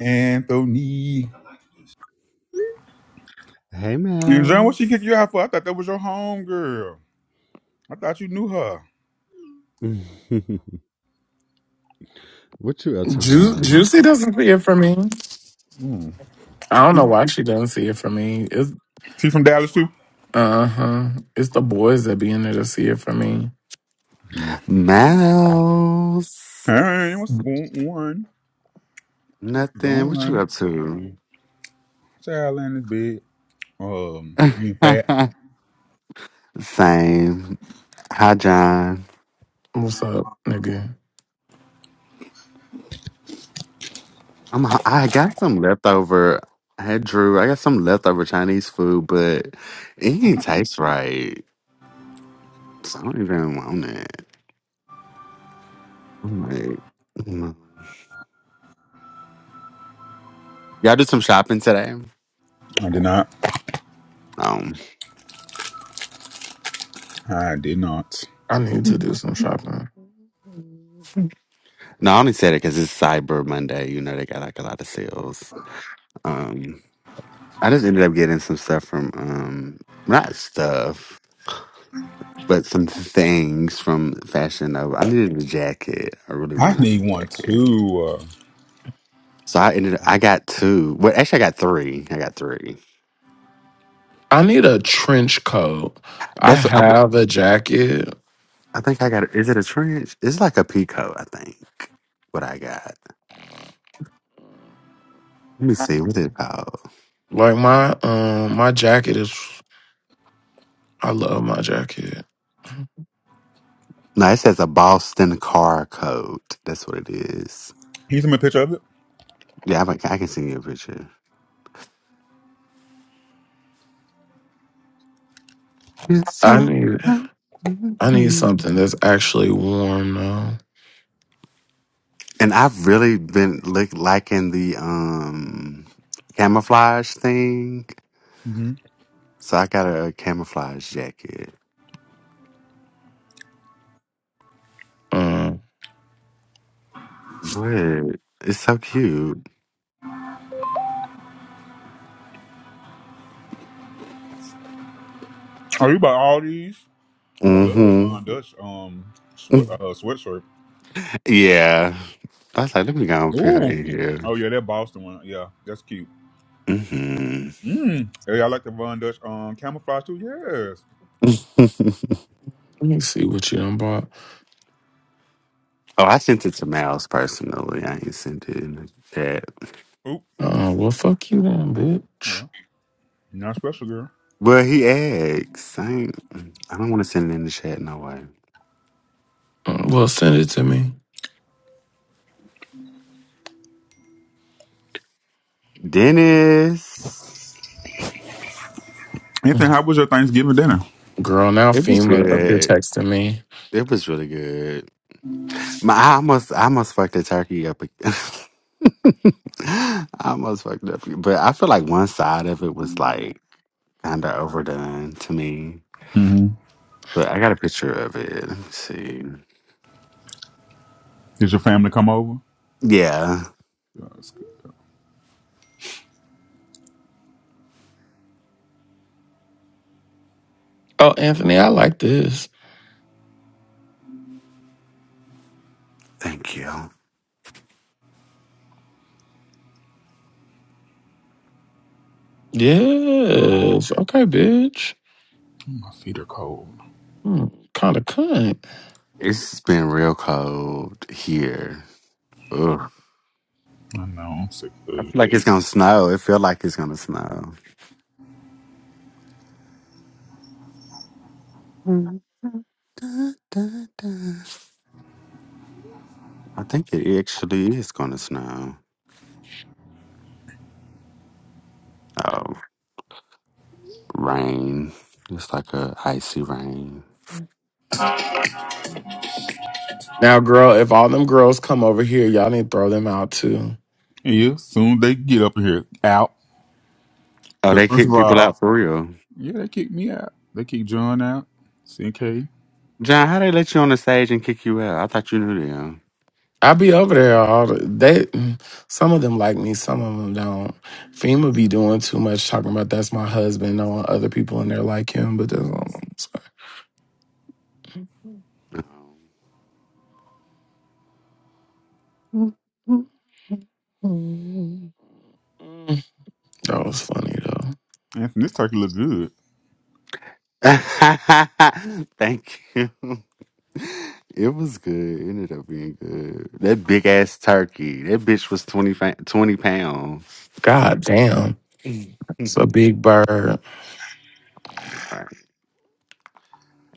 Anthony. Hey, And John, what she kicked Mouse. you out for? I thought that was your home girl. I thought you knew her. what you up to, Ju- Juicy Mouse? doesn't see it for me. Mm. I don't know why she doesn't see it for me. It's She from Dallas too. uh huh. It's the boys that be in there to see it for me. Mm. Mouse. Hey, what's going on? How's it Nothing. What you going? up to? Child in this bed. Um, being fat. Same. Hi, John. What's up, nigga? I'm. h- I got some leftover. Hey, Drew. I got some leftover Chinese food, but it ain't taste right, so I don't even want it. I'm like, mm. y'all do some shopping today? I did not. Um. I did not. I need to do some shopping. No, I only said it because it's Cyber Monday. You know, they got like a lot of sales. Um, I just ended up getting some stuff from, um, not stuff, but some things from Fashion Nova. I needed a jacket. I really I wanted need a one jacket. too. Uh, So I ended up, I got two. Well, actually, I got three. I got three. I need a trench coat. I That's, I, w- have a jacket. I think I got, is it a trench? It's like a peacoat, I think, what I got. Let me see, what is it called? Like my um my jacket is I love my jacket. No, it says a Boston car coat. That's what it is. can you send me a picture of it? Yeah, I, I can send you a picture. It's I so need fun. I need Mhm. something that's actually warm though. and I've really been like liking the um camouflage thing. Mm-hmm. So I got a camouflage jacket. Um What? It's so cute. Oh, you buy all these? Oh, I love that Mm-hmm. Von Dutch um swe- uh, sweatshirt. Yeah. I was like, let me go and put her Ooh. in here. Oh yeah, that Boston one. Yeah, that's cute. Mm-hmm. Mm. Hey, I like the Von Dutch um camouflage too. Yes. let me see what you done bought. oh, I sent it to Miles personally. I ain't sent it in the chat. Oop. Uh well fuck you then, bitch. Well, you're not special, girl. Well, he asked. I, ain't, I don't want to send it in the chat no way. Uh, well send it to me. Dennis. Anthony, how was your Thanksgiving dinner? Girl, now It was FEMA up here good. texting me. It was really good. My, I almost, I almost fucked the turkey up. ag- I almost fucked it up, but I feel like one side of it was like kind of overdone to me. Mm-hmm. But I got a picture of it. Let me see. Did your family come over? Yeah, Yeah, it's good. Oh, Anthony, I like this. thank you. Yes. Okay, bitch. My feet are cold. Hmm, kind of cunt. It's been real cold here. Ugh. I know. I'm sick. Of I food. feel like it's gonna snow. It feel like it's gonna snow. I think it actually is gonna snow. Oh. rain. It's like a icy rain. Now, girl, if all them girls come over here, y'all need to throw them out too. yeah. Soon they get up in here out. Oh, Cause they first kick of people out all, for real. yeah, they kicked me out. They kicked John out. CK. John, how they let you on the stage and kick you out? I thought you knew I be over there all the, they. mm, Some of them like me, some of them don't. FEMA be doing too much talking about that's my husband, knowing other people in there like him, but that's all. them. Mm, That was funny though. Anthony, this turkey look good. Thank you. It was good. It ended up being good. That big ass turkey. That bitch was 20, fa- 20 pounds. God damn, right. it's a big bird,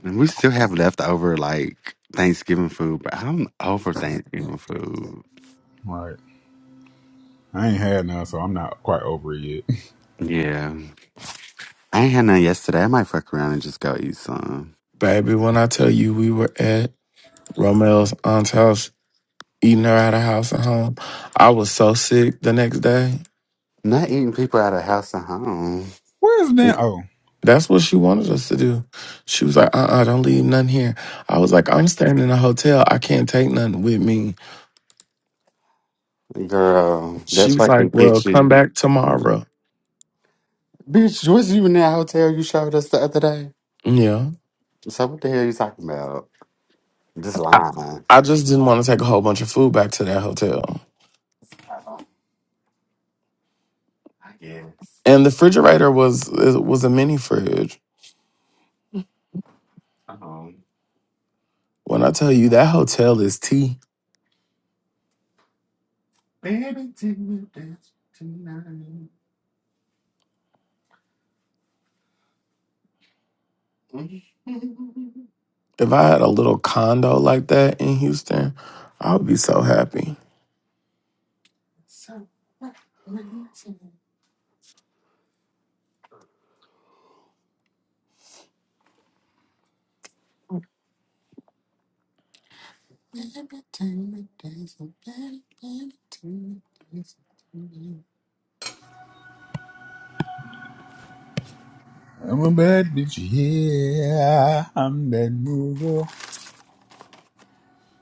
And we still have leftover like Thanksgiving food, but I'm over Thanksgiving food. Right. I ain't had none, so I'm not quite over it yet. Yeah. I ain't had none yesterday. I might fuck around and just go eat some. baby. When I tell you we were at Romeo's aunt's house, eating her out of house and home. I was so sick the next day. Not eating people out of house and home. Where's that? Oh, That's what she wanted us to do. She was like, uh uh do not leave nothing here. I was like, I'm staying in a hotel. I can't take nothing with me. Girl, She that was like, fucking well, come kitchen. back tomorrow. Bitch, was you in that hotel you showed us the other day? Yeah. So what the hell you talking about? Just I, lying. I just didn't want to take a whole bunch of food back to that hotel. I guess. And the refrigerator was it was a mini fridge. Um, When I tell you that hotel is tea. baby, take me down tonight. Mhm. If I had a little condo like that in Houston, I would be so happy. So what we do. Baby, take me dancing. Baby, take me dancing I'm a bad bitch. Yeah, I'm that nigga.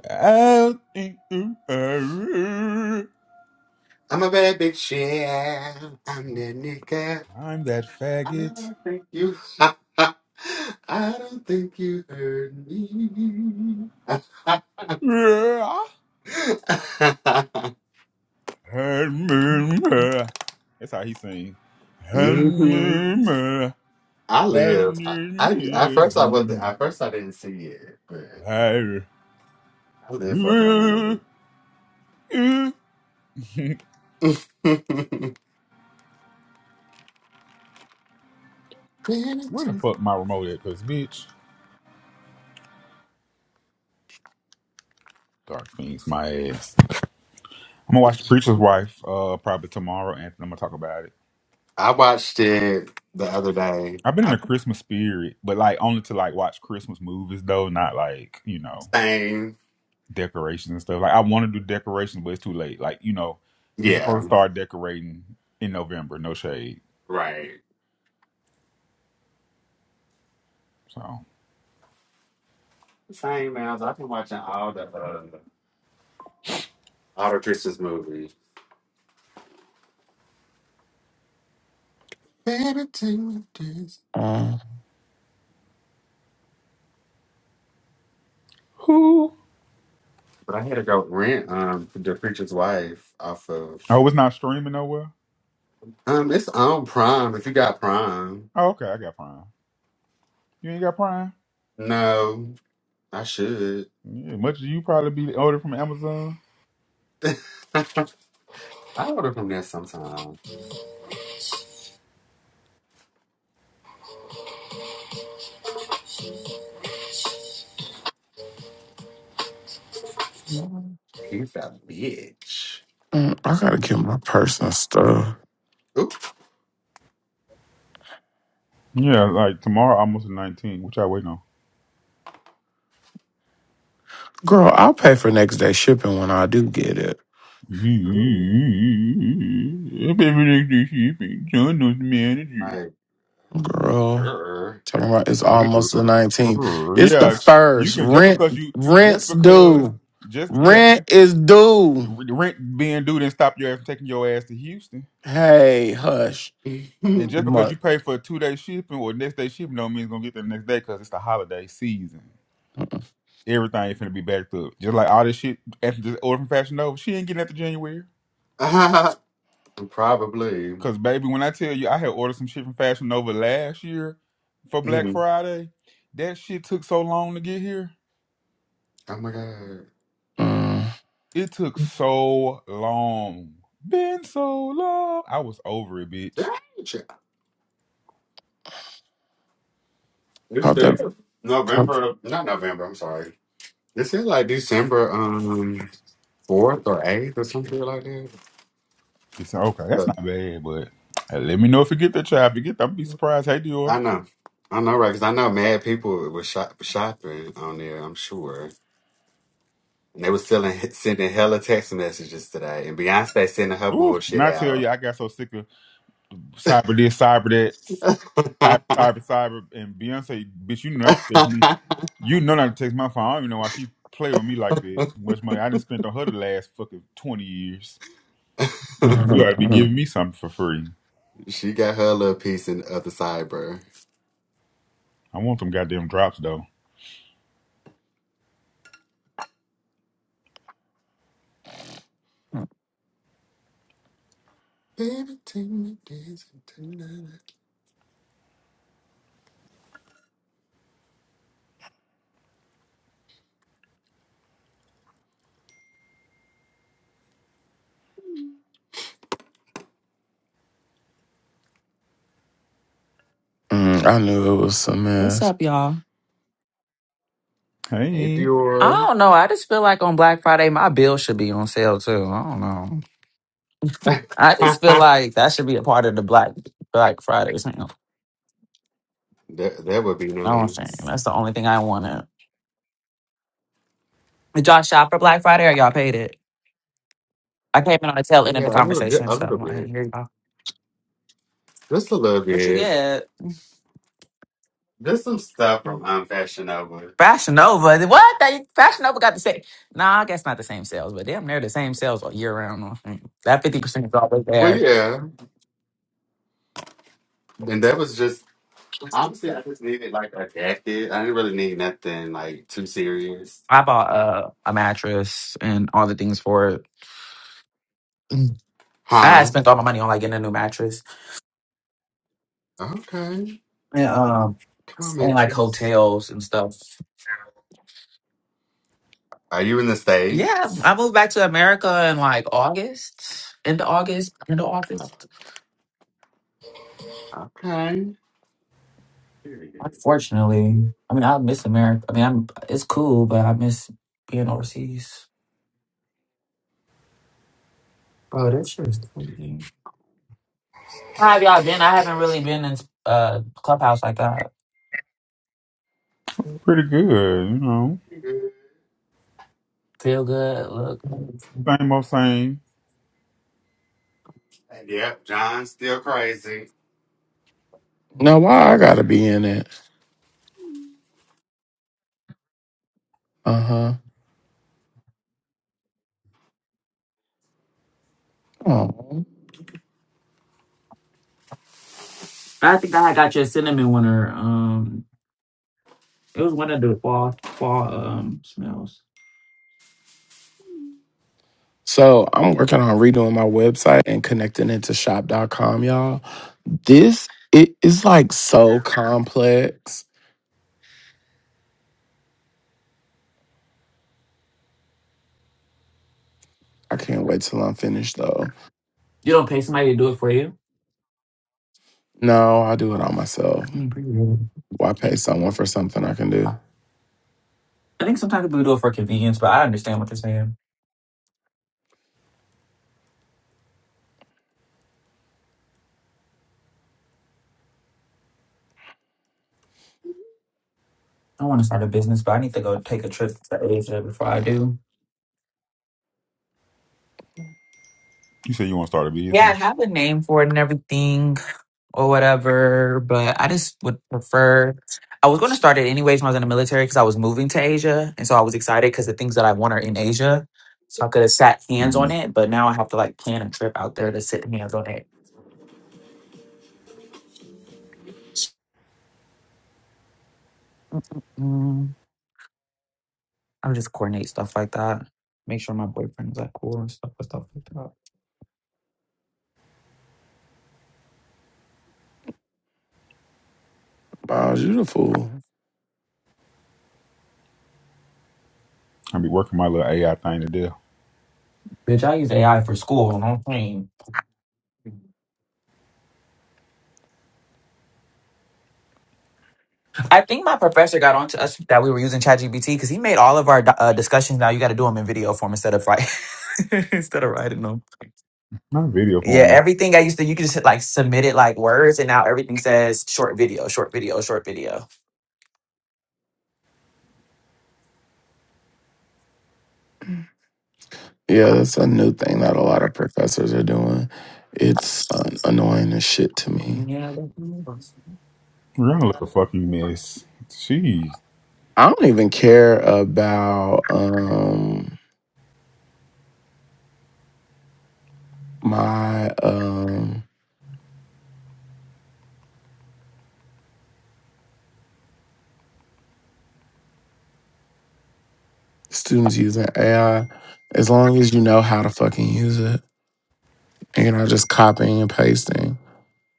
I'll eat you. Uh, I'm a baby child. I'm that nigga. I'm that I faggot. don't think you. I don't think you heard me. Yeah. And me, me. That's how he sings. And hmm me, me. I live. And I, I at me, first I wasn't. you. At first I didn't see it, but I live for drama. Where the fuck my remote at? Cause bitch, dark things, my ass. I'm gonna watch The Preacher's Wife uh probably tomorrow, and I'm gonna talk about it. I watched it the other day. I've been in I the Christmas spirit, but like only to like watch Christmas movies though, not like you know. same. decorations and stuff. Like I want to do decorations, but it's too late. Like you know, you're Yeah. supposed to start decorating in November. No shade. Right. So Same as I've been watching all the. uh, Auto Christmas movie. Better take my days. Um, who? But I had to go rent um the preacher's wife off of Oh, it's not streaming nowhere. um it's on Prime if you got Prime. Oh, okay, I got Prime. You ain't got Prime. No, I should. Yeah, much as you probably be ordered from Amazon. I order from there sometime. mm, She's a bitch. I gotta get my personal stuff. Ooh, Yeah, like tomorrow, almost the 19th. Which I waiting on. Girl, I'll pay for next day shipping when I do get it. ooh, John knows the manager. like Girl, er. talking about it's almost the 19th. It's the Yeah, you first. can just Rent, because you just rent's because due. just yeah Rent is due. Rent being due didn't stop your ass from taking your ass to Houston. Hey, hush. And just because My, you pay for a two day shipping or next day shipping, don't mean it's gonna get there the next day because it's the holiday season. Everything ain't finna be backed up. Just like all this shit after this order from Fashion Nova, she ain't getting after January. Probably. Cause baby, when I tell you I had ordered some shit from Fashion Nova last year for Black Mm. Friday, that shit took so long to get here. Oh my god. mm, It took so long. Been so long. I was over it, bitch. Dang, It's pop there. that. Pop, November, not November. I'm sorry. This is like December um fourth or eighth or something like that. He said, okay. That's But not bad, but uh, let me know if you get the try. If you get, that, I'm be surprised. Hey, I Dior. know, I know, right? Because I know mad people were shop- shopping on there. I'm sure, and they were selling sending hella text messages today. And Beyonce sending her Ooh, and bullshit I tell out. you, I got so sick of cyber this, cyber that, cyber, cyber, cyber, and Beyonce. Bitch, you know not to text me. You know not to text my phone. I don't even know why she play with me like that. Much money I did spent on her the last fucking twenty years. Bitch, You Mm, ought to be mm, giving me something for free. she got her little piece in the other cyber. I want them goddamn drops though. Baby, take me dancing tonight. mm. I knew it was a What's mess. up, y'all? Hey Hey, I Dior. don't know. I just feel like on Black Friday, my bill should be on sale too. I don't know. I just feel that like that should be a part of the Black Black Friday sale. that would be i don't saying nice. that's the only thing I wanted. Did y'all shop for Black Friday or y'all paid it? I came in on the tail end of Yeah, the a little bit, conversation, a so little I didn't bit, hear y'all. just a little What you bit. get? There's some stuff from um, Fashion Nova. Fashion Nova. What? They, Fashion Nova got the same. Nah, I guess not the same sales, but damn, they're the same sales all year round. I think. That fifty percent is always Well, there. yeah, and that was just honestly, I just needed like adapted. I didn't really need nothing like too serious. I bought So, uh, a mattress and all the things for it. I huh? spent all my money on like getting a new mattress Okay, and um come on, and like Mattress. hotels and stuff. Are you in the Yeah, states? I moved back to America in like August, end of August, end of August. Okay. Period. Unfortunately, I mean, I miss America. I mean, I'm it's cool, but I miss being overseas. Bro, this shit is crazy. How have y'all been? I haven't really been in uh clubhouse like that. pretty good, you know. Period. Feel good. Look, Same old same. And Yep, John's still crazy. Now why I Hmm, gotta be in it? Uh huh. I think I had got your cinnamon one or um, it was one of the fall fall um smells. So I'm working on redoing my website and connecting it to shop.com, y'all. This it is like so complex. I can't wait till I'm finished though. You don't pay somebody to do it for you? No, I'll do it all myself. I mean, pretty good. Why pay someone for something I can do? I think sometimes people do it for convenience, but I understand what you're saying. I want to start a business, but I need to go take a trip to Asia before I do. You said you want to start a Yeah, I business. have a name for it and everything or whatever, but I just would prefer. I was going to start it anyways when I was in the military because I was moving to Asia. And so I was excited because the things that I want are in Asia. So I could have sat hands Mm-hmm. on it, but now I have to like plan a trip out there to sit hands on it. Mm. I would just coordinate stuff like that. Make sure my boyfriend is like cool and stuff and stuff like that. Miles, you the fool. I be working my little AI thing today. Bitch, I use AI for school. No shame. I think my professor got on to us that we were using ChatGPT because he made all of our uh, discussions now. You got to do them in video form instead of like instead of writing them. Not video Yeah, porn. everything I used to you could just hit, like submit it like words, and now everything says short video, short video, short video. Yeah, that's a new thing that a lot of professors are doing. It's uh, annoying as shit to me. Yeah, that's Rihanna look a fucking mess. Jeez. I don't even care about um my um students using AI as long as you know how to fucking use it and you're not just copying and pasting.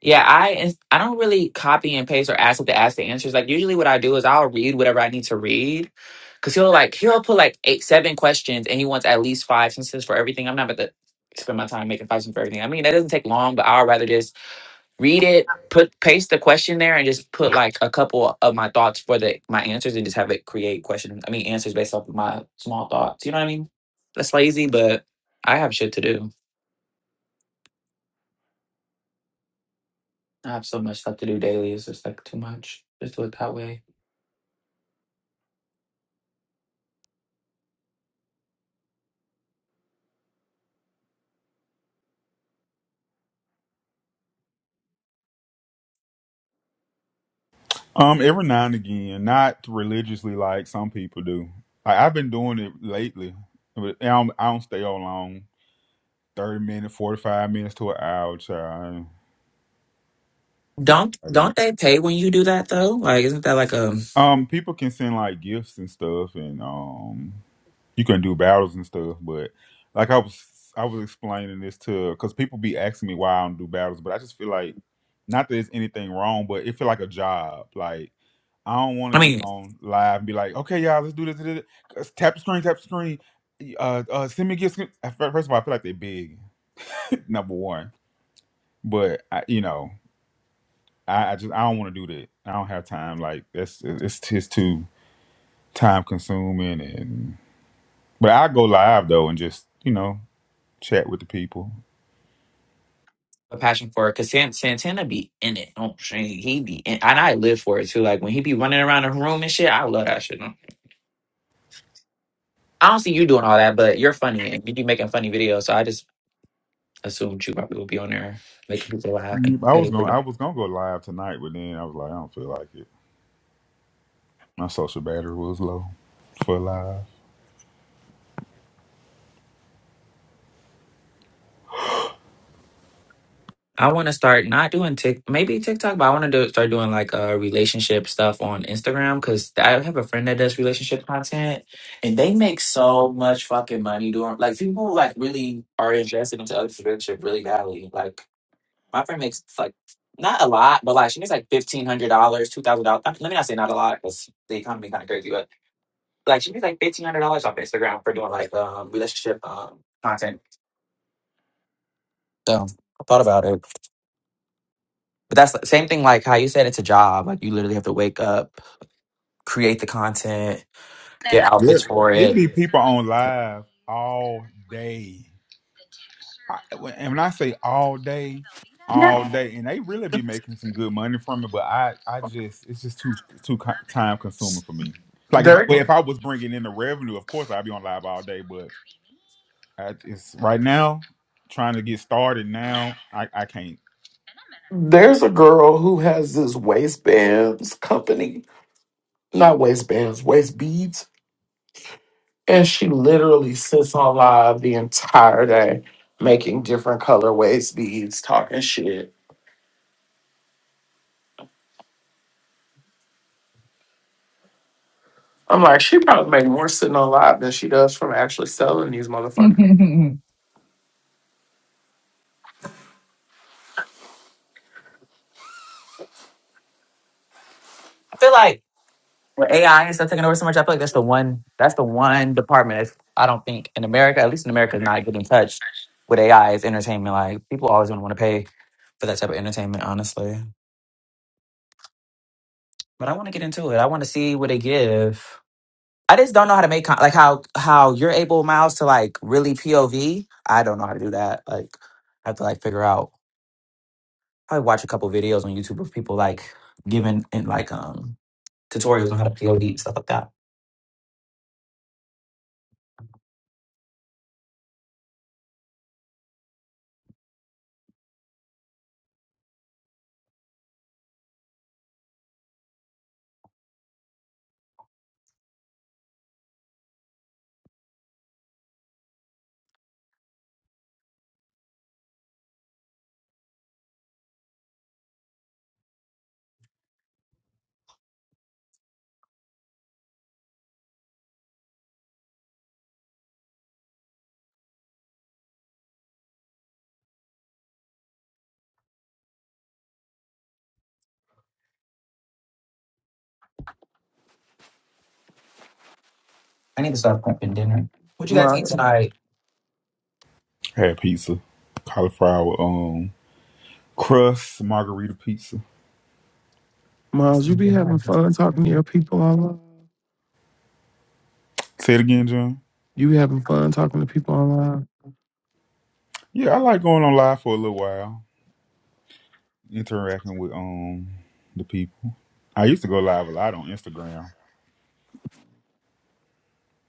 Yeah, I ins- I don't really copy and paste or ask what to ask the answers. Like usually, what I do is I'll read whatever I need to read, because he'll like he'll put like eight seven questions, and he wants at least five sentences for everything. I'm not about to spend my time making five sentences for everything. I mean, that doesn't take long, but I'd rather just read it, put paste the question there, and just put like a couple of my thoughts for the my answers, and just have it create questions. I mean, answers based off of my small thoughts. You know what I mean? That's lazy, but I have shit to do. I have so much stuff to do daily. It's just like too much. Just do it that way. Um, every now and again, not religiously like some people do. I, I've been doing it lately, but I don't, I don't stay on long. Thirty minutes, forty five minutes to an hour, child. Don't I, I did. don't they pay when you do that though? Like, isn't that like a? Um, people can send like gifts and stuff, and um, you can do battles and stuff. But like I was, I was explaining this to because people be asking me why I don't do battles, but I just feel like not that it's anything wrong, but it feel like a job. Like I don't want to I get mean, on live and be like, okay, y'all, let's do this, this, this. tap the screen, tap the screen. Uh, uh, send me a gift. Fir- First of all, I feel like they're big. Number one, but I, you know, I, I just I don't want to do that. I don't have time. Like that's it's it's too time consuming and. But I go live though and just you know chat with the people. a passion for it because Santana be in it. Don't He be in, and I live for it too. Like when he be running around the room and shit, I love that shit. I don't see you doing all that, but you're funny and you be making funny videos, so I just assumed you probably would be on there making people laugh and Mhm. get I was paid for gonna I was gonna go live tonight, but then I was like, I don't feel like it. My social battery was low for live. I want to start not doing tick, maybe TikTok, but I want to do, start doing like uh relationship stuff on Instagram because I have a friend that does relationship content, and they make so much fucking money doing like people like really are invested into other relationship really badly. Like my friend makes like not a lot, but like she makes like fifteen hundred dollars, two thousand dollars. Let me not say not a lot because the economy kind of crazy, but like she makes like fifteen hundred dollars off Instagram for doing like um relationship um content. So I thought about it. But that's the same thing like how you said it's a job. Like you literally have to wake up, create the content, get Yeah. outfits for It it. be people on live all day. I, when- and when I say all day, all Yes. day, and they really be making some good money from it, but I, I just it's just too too co- time consuming for me. Like if There, well, if I was bringing in the revenue, of course I'd be on live all day, but I, it's right now trying to get started now. I, I can't. there's a girl who has this waistbands company, not waistbands, waist beads, and she literally sits on live the entire day making different color waist beads, talking shit. I'm like, she probably make more sitting on live than she does from actually selling these motherfuckers. I feel like with AI and stuff taking over so much, I feel like that's the one that's the one department that's I don't think in America, at least in America, is not getting touched with AI is entertainment. Like people always gonna want to pay for that type of entertainment, honestly. But I want to get into it. I want to see what they give. I just don't know how to make con- like how how you're able, Miles, to like really POV. I don't know how to do that. Like I have to like figure out. Probably watch a couple videos on YouTube of people like giving and like um tutorials on how to POD and stuff like that. I need to start prepping dinner. What you guys eat Miles, tonight? Had pizza, cauliflower, um, crust, margarita pizza. What's Miles, you be having fun talking the- to your people online. Say it again, John. You be having fun talking to people online. Yeah, I like going on live for a little while, interacting with um the people. I used to go live a lot on Instagram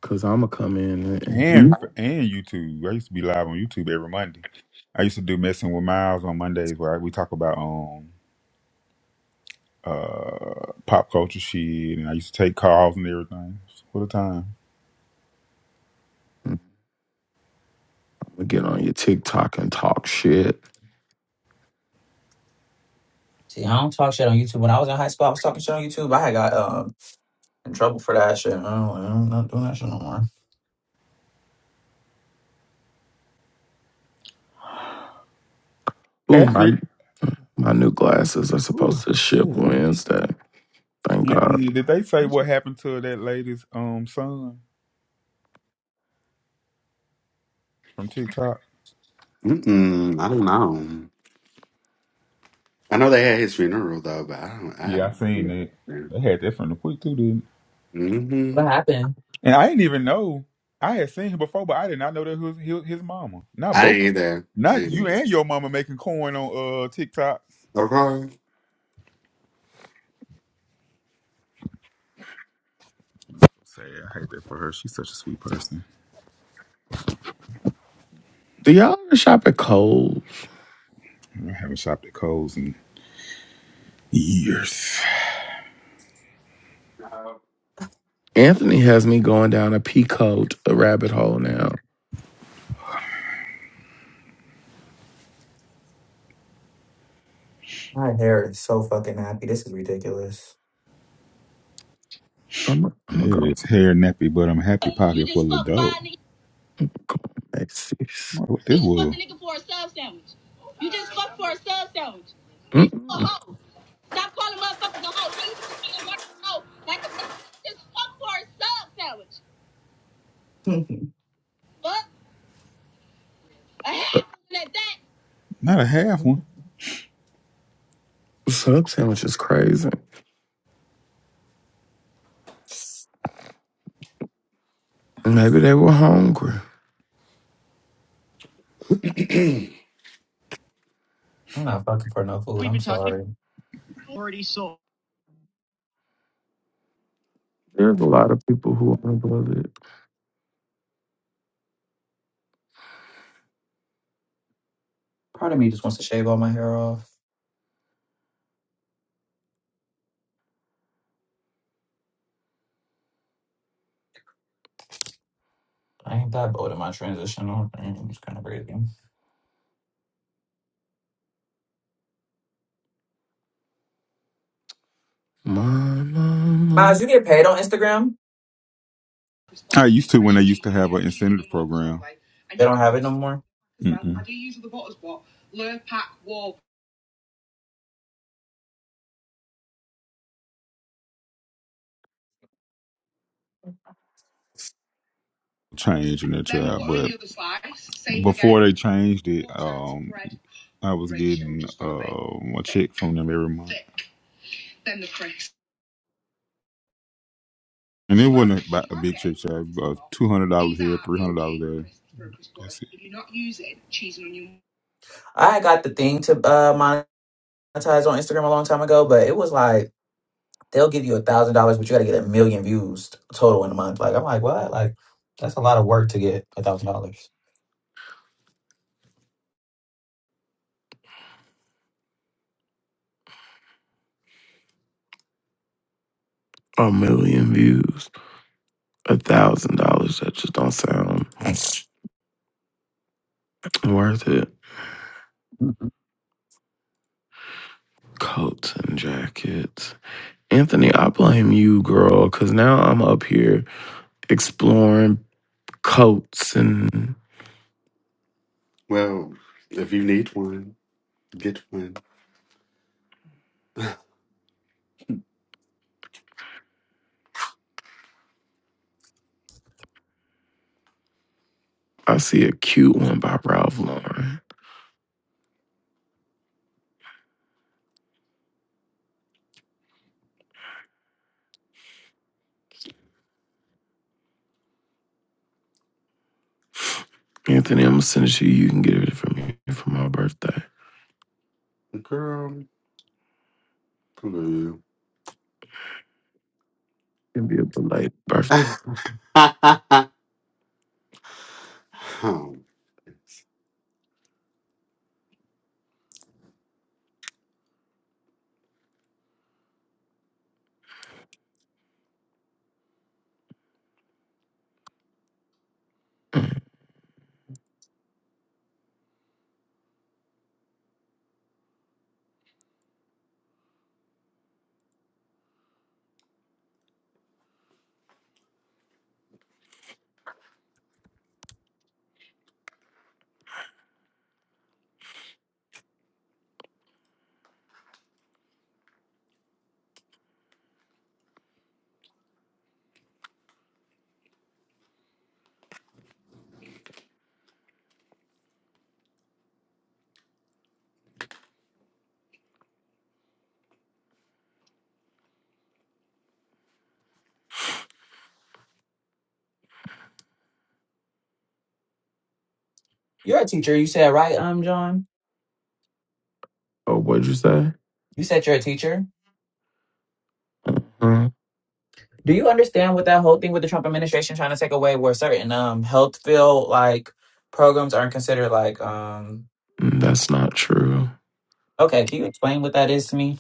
Cause I'ma come in and, and and and YouTube. I used to be live on YouTube every Monday. I used to do messing with Miles on Mondays where we talk about um uh pop culture shit, and I used to take calls and everything. What a time! I'ma get on your TikTok and talk shit. See, I don't talk shit on YouTube. When I was in high school, I was talking shit on YouTube. I had got um, in trouble for that shit. I don't, I'm not doing that shit no more. Ooh, That's my it. my new glasses are supposed to ship Whew. Wednesday. Thank God. Anthony, did they say what happened to that lady's um son from TikTok? Mm-mm, I don't know. I know they had his funeral though, but I don't. I Yeah, I seen that. haven't. They had that from the quick too, didn't? Mm-hmm. What happened? they? And I didn't even know. I had seen him before, but I did not know that was his, his mama. Not I both. ain't either. I Not ain't you and either. your mama making coin on uh TikTok. Okay. So sad. I hate that for her. She's such a sweet person. Do y'all ever shop at Kohl's? I haven't shopped at Kohl's in years. Anthony has me going down a peacoat a rabbit hole now. My hair is so fucking happy. This is ridiculous. I'm i am i gonna Yeah, go it's hair nappy, but I'm happy pocket full of dough. go on Macy's. What this was? Mm-mm. Mhm. Not a half one. Sub sandwich is crazy. Maybe they were hungry. I'm not fucking for no food. I'm sorry. There's a lot of people who uploaded it. Part of me just wants to shave all my hair off. I ain't that bold in my transition. I don't think It's kind of crazy. My, my, my. Miles, you get paid on Instagram? I used to when they used to have an incentive program. They don't have it no more. Mm-mm. Changing it to that, but before they changed it, um, I was getting um a check from them every month, and it wasn't about a big check. So two hundred dollars here, three hundred dollars there. That's it. I got the thing to uh, monetize on Instagram a long time ago, but it was like they'll give you a thousand dollars, but you got to get a million views total in a month. Like I'm like, what? Like that's a lot of work to get a thousand dollars. A million views. A thousand dollars. That just don't sound worth it. Coats and jackets. Anthony, I blame you, girl, because now I'm up here exploring coats and Well, if you need one, get one. I see a cute one by Ralph Lauren. Anthony, I'm gonna send it to you. You can get it for me for my birthday. It Girl, blue. can be a belated birthday. Oh, You're a teacher. You said right, um, John. Oh, what'd you say? You said you're a teacher. Huh? Do you understand what that whole thing with the Trump administration trying to take away where certain um health field like programs aren't considered like um Mm, That's not true. okay? Can you explain what that is to me,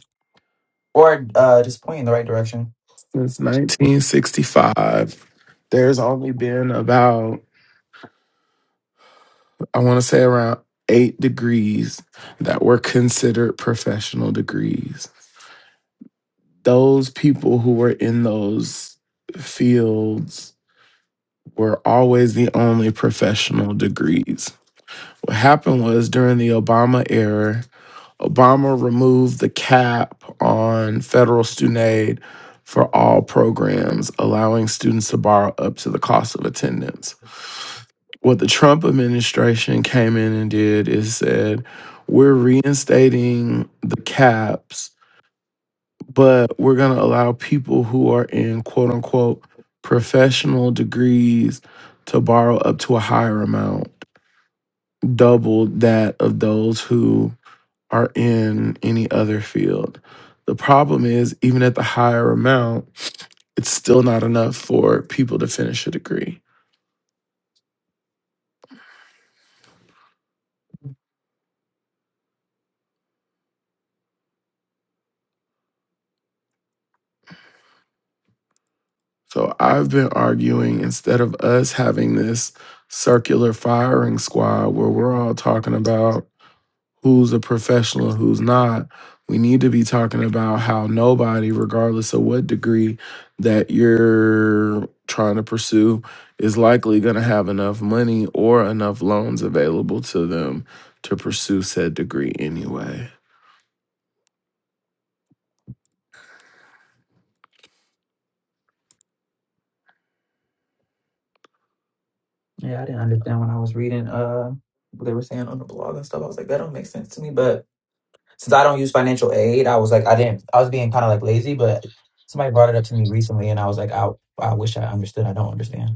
or uh, just point in the right direction? Since 1965, there's only been about, I want to say around eight degrees that were considered professional degrees. Those people who were in those fields were always the only professional degrees. What happened was during the Obama era, Obama removed the cap on federal student aid for all programs, allowing students to borrow up to the cost of attendance. What the Trump administration came in and did is said, we're reinstating the caps, but we're going to allow people who are in quote unquote professional degrees to borrow up to a higher amount, double that of those who are in any other field. The problem is, even at the higher amount, it's still not enough for people to finish a degree. So I've been arguing instead of us having this circular firing squad where we're Mhm. all talking about who's a professional, who's not. We need to be talking about how nobody, regardless of what degree that you're trying to pursue, is likely going to have enough money or enough loans available to them to pursue said degree anyway. Yeah, I didn't understand when I was reading uh what they were saying on the blog and stuff. I was like, that don't make sense to me. But since I don't use financial aid, I was like, I didn't. I was being kind of like lazy. But somebody brought it up to me recently, and I was like, I I wish I understood. I don't understand.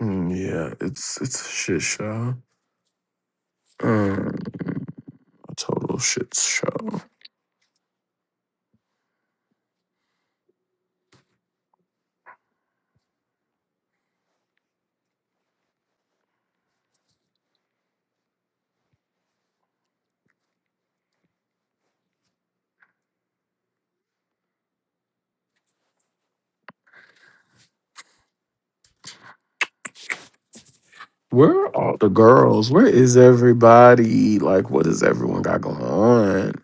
Mm, yeah, it's it's a shit show. Um, a total shit show. Where are all the girls? Where is everybody? Like, what does everyone got going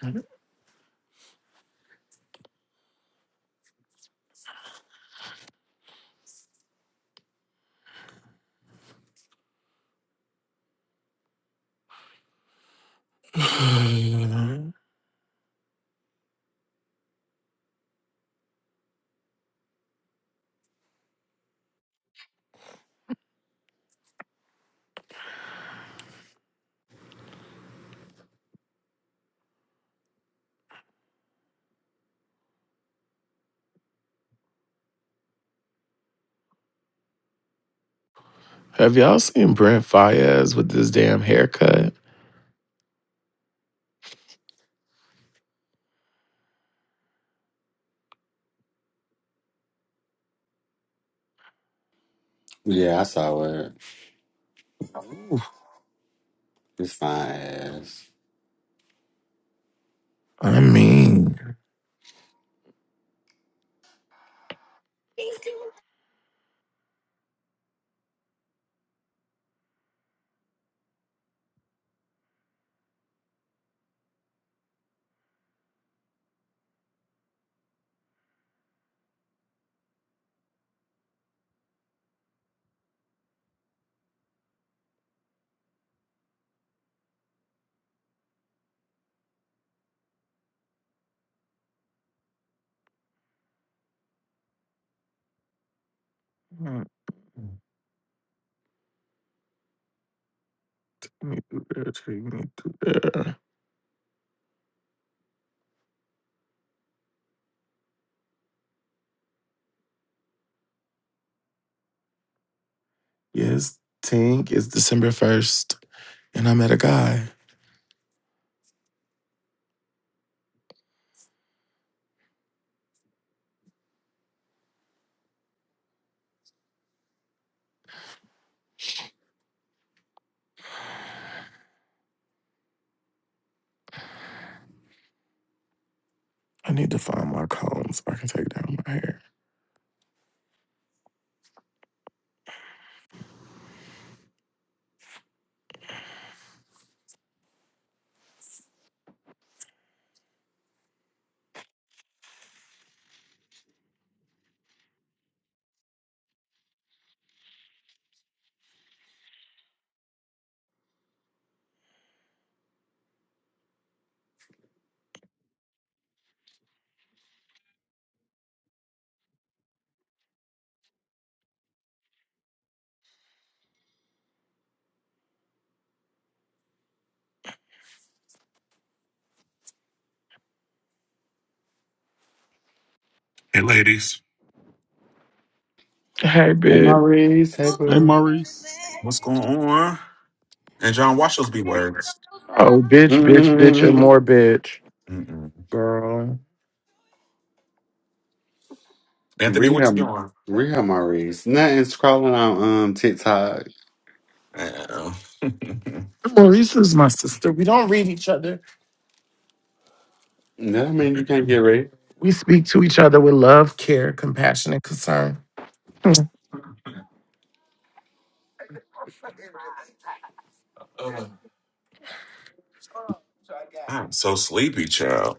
on? Have y'all seen Brent Fayez with this damn haircut? yeah, I saw it. Ooh. It's fine ass. I mean, Hey, mm, let me do that, take me to there. Yes, Tink, it's December 1st, and I met a guy. I need to find my comb so I can take down my hair. Hey, ladies. Hey, bitch. Maurice. Hey, Hey, boo. Maurice, What's going on? And John, watch those B words. Oh, bitch, bitch, bitch, and mm more bitch. Mm-mm. Girl. Anthony, what you Rehab, doing? rehab, Maurice. Nothing's crawling on um TikTok. Uh, Maurice is my sister. We don't read each other. That mean you can't get ready. We speak to each other with love, care, compassion, and concern. Ugh. I'm so sleepy, child.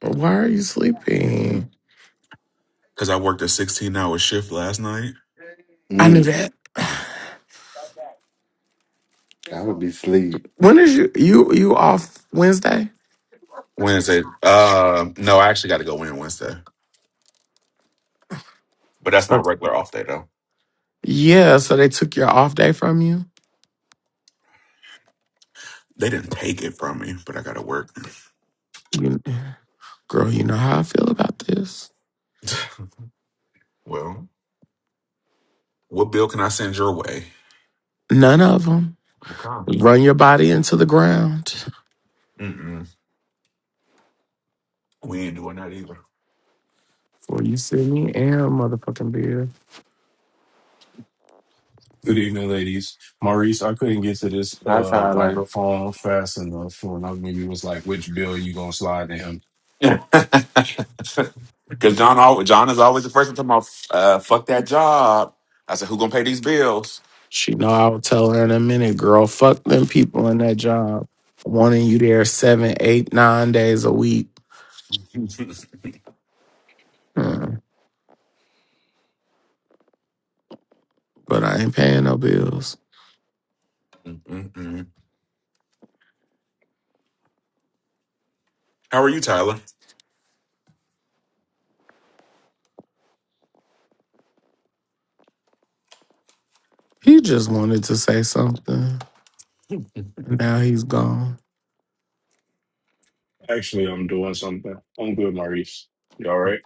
Why are you sleeping? Because I worked a 16 hour shift last night. I knew Mm, that. I would be asleep. When is you you you off Wednesday? Wednesday. Uh, no, I actually got to go in Wednesday. But that's my So- regular off day, though. Yeah, so they took your off day from you. They didn't take it from me, but I got to work. You girl, you know how I feel about this. well, what bill can I send your way? None of them Okay. run your body into the ground. Mm-mm. We ain't doing that Well, you see me and motherfucking beer. Good evening, ladies. Maurice, I couldn't get to this Hi, uh Tyler. microphone fast enough when I when you was like, which bill you gonna slide to him? either. Because John, al- John is always the first to talk about, uh, fuck that job. I said, who gonna pay these bills? She know I will tell her in a minute, girl. Fuck them people in that job wanting you there seven, eight, nine days a week. Hmm, But I ain't paying no bills. Mm-mm. How are you, Tyler? He just wanted to say something. Now he's gone. Actually, I'm doing something. I'm good, Maurice. You all right?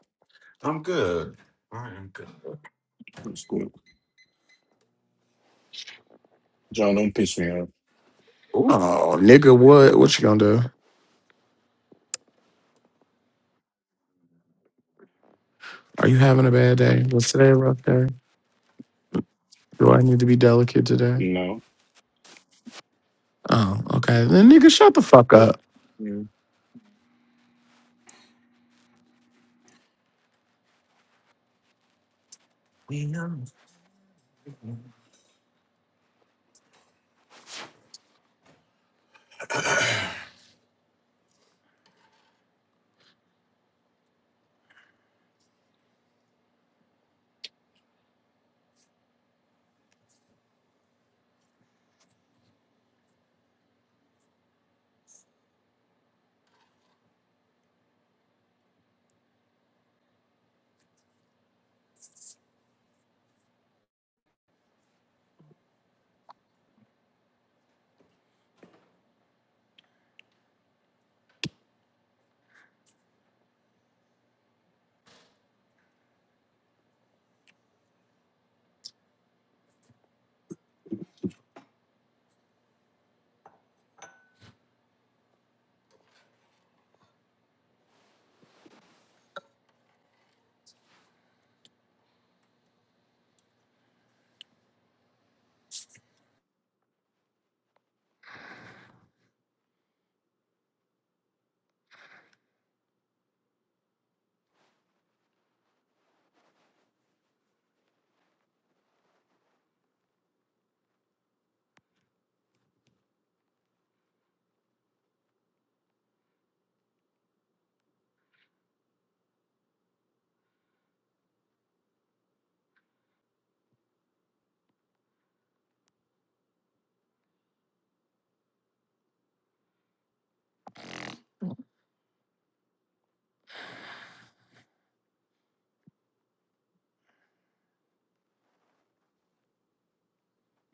I'm good. I am good. That's good. John, don't pitch me up. Ooh. Oh, nigga, what? What you gonna do? Are you having a bad day? Was today a rough day? Do I need to be delicate today? No. Oh, okay. Then nigga, shut the fuck up. we are-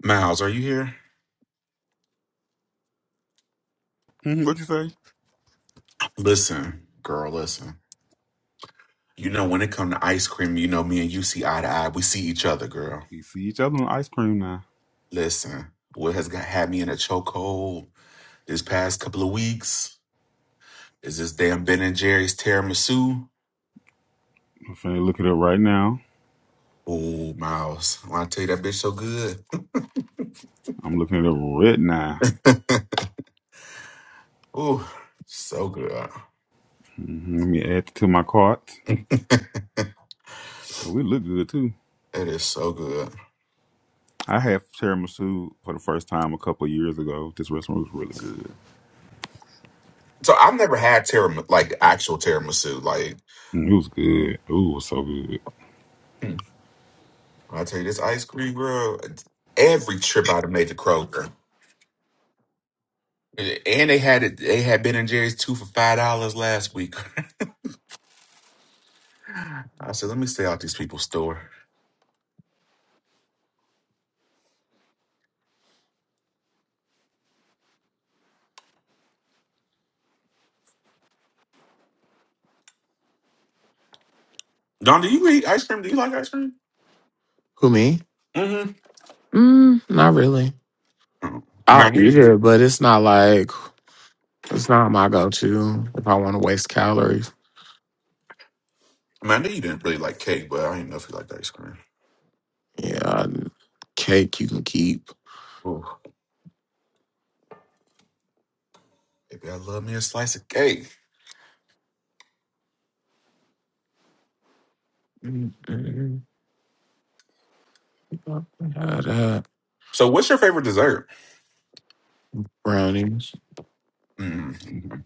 Miles, are you here? hmm what you say? Listen, girl, listen. You know, when it come to ice cream, you know me and you see eye to eye. We see each other, girl. We see each other on ice cream now. Listen, what has got had me in a chokehold this past couple of weeks is this damn Ben and Jerry's tiramisu. I'm finna look it up right now. Oh, Miles. When I tell you that bitch so good. I'm looking it up right now. Ooh, so good. hmm Let me add it to my cart. Oh, We look good too. It is so good. I had tiramisu for the first time a couple years ago. This restaurant was really good. So I've never had tiramisu, like actual tiramisu. Like Mm, It was good. Ooh, it was so good. hmm, when I tell you this ice cream, bro. Every trip I'd have made to Kroger, and they had it. They had Ben and Jerry's two for five dollars last week. I said, let me stay out these people's store. Don, do you eat ice cream? Do you like ice cream? Who me? Mm-hmm. Mm, not really. I mean, I I'll knew. eat it, but it's not like it's not my go-to if I want to waste calories. I mean, I knew you didn't really like cake, but I didn't know if you liked ice cream. Yeah, cake you can keep. Maybe I love me a slice of cake. Mm-mm. Had that. So, what's your favorite dessert? Brownies. Mm.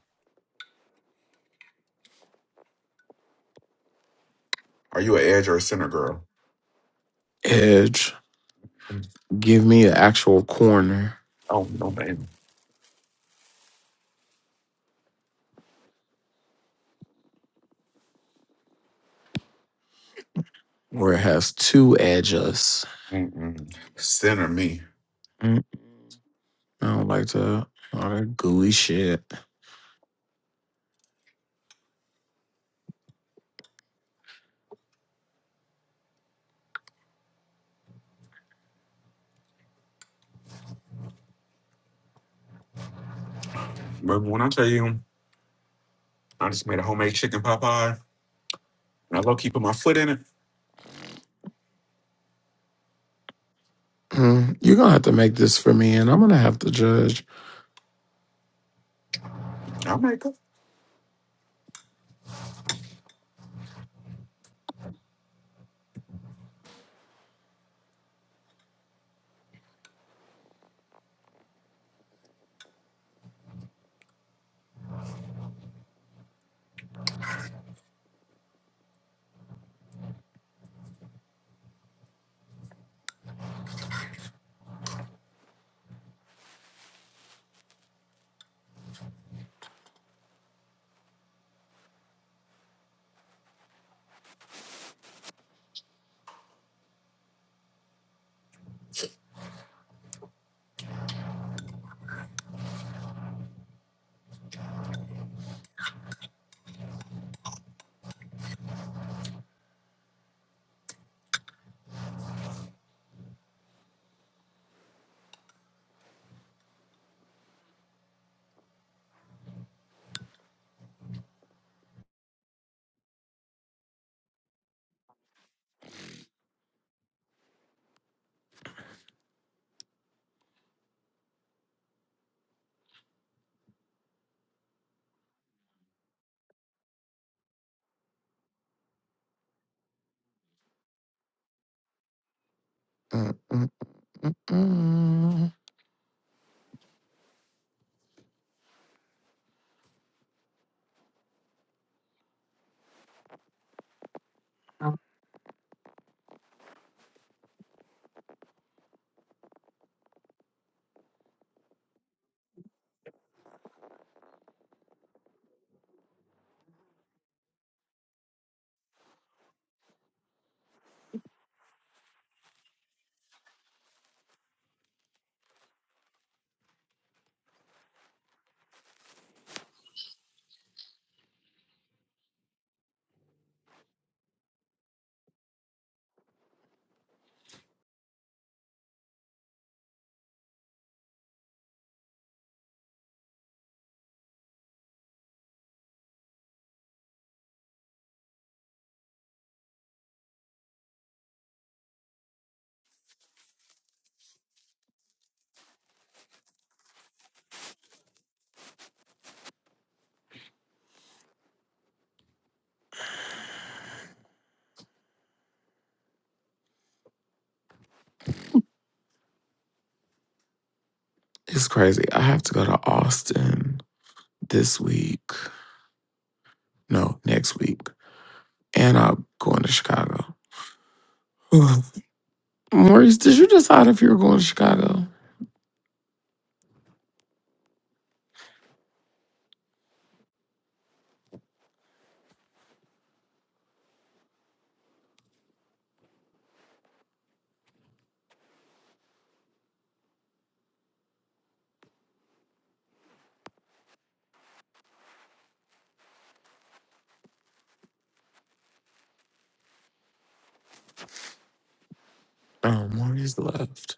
Are you an edge or a center girl? Edge. Mm. Give me an actual corner Oh no, baby. where it has two edges Mm-mm. Center me. mm I don't like that. All that gooey shit. But when I tell you, I just made a homemade chicken pot pie, and I low key put my foot in it. Mm, You're gonna have to make this for me, and I'm gonna have to judge. I might go. Mm-mm-mm. It's crazy. I have to go to Austin this week. No, next week, and I'm going to Chicago. Maurice, did you decide if you were going to Chicago? Oh, Maurice left.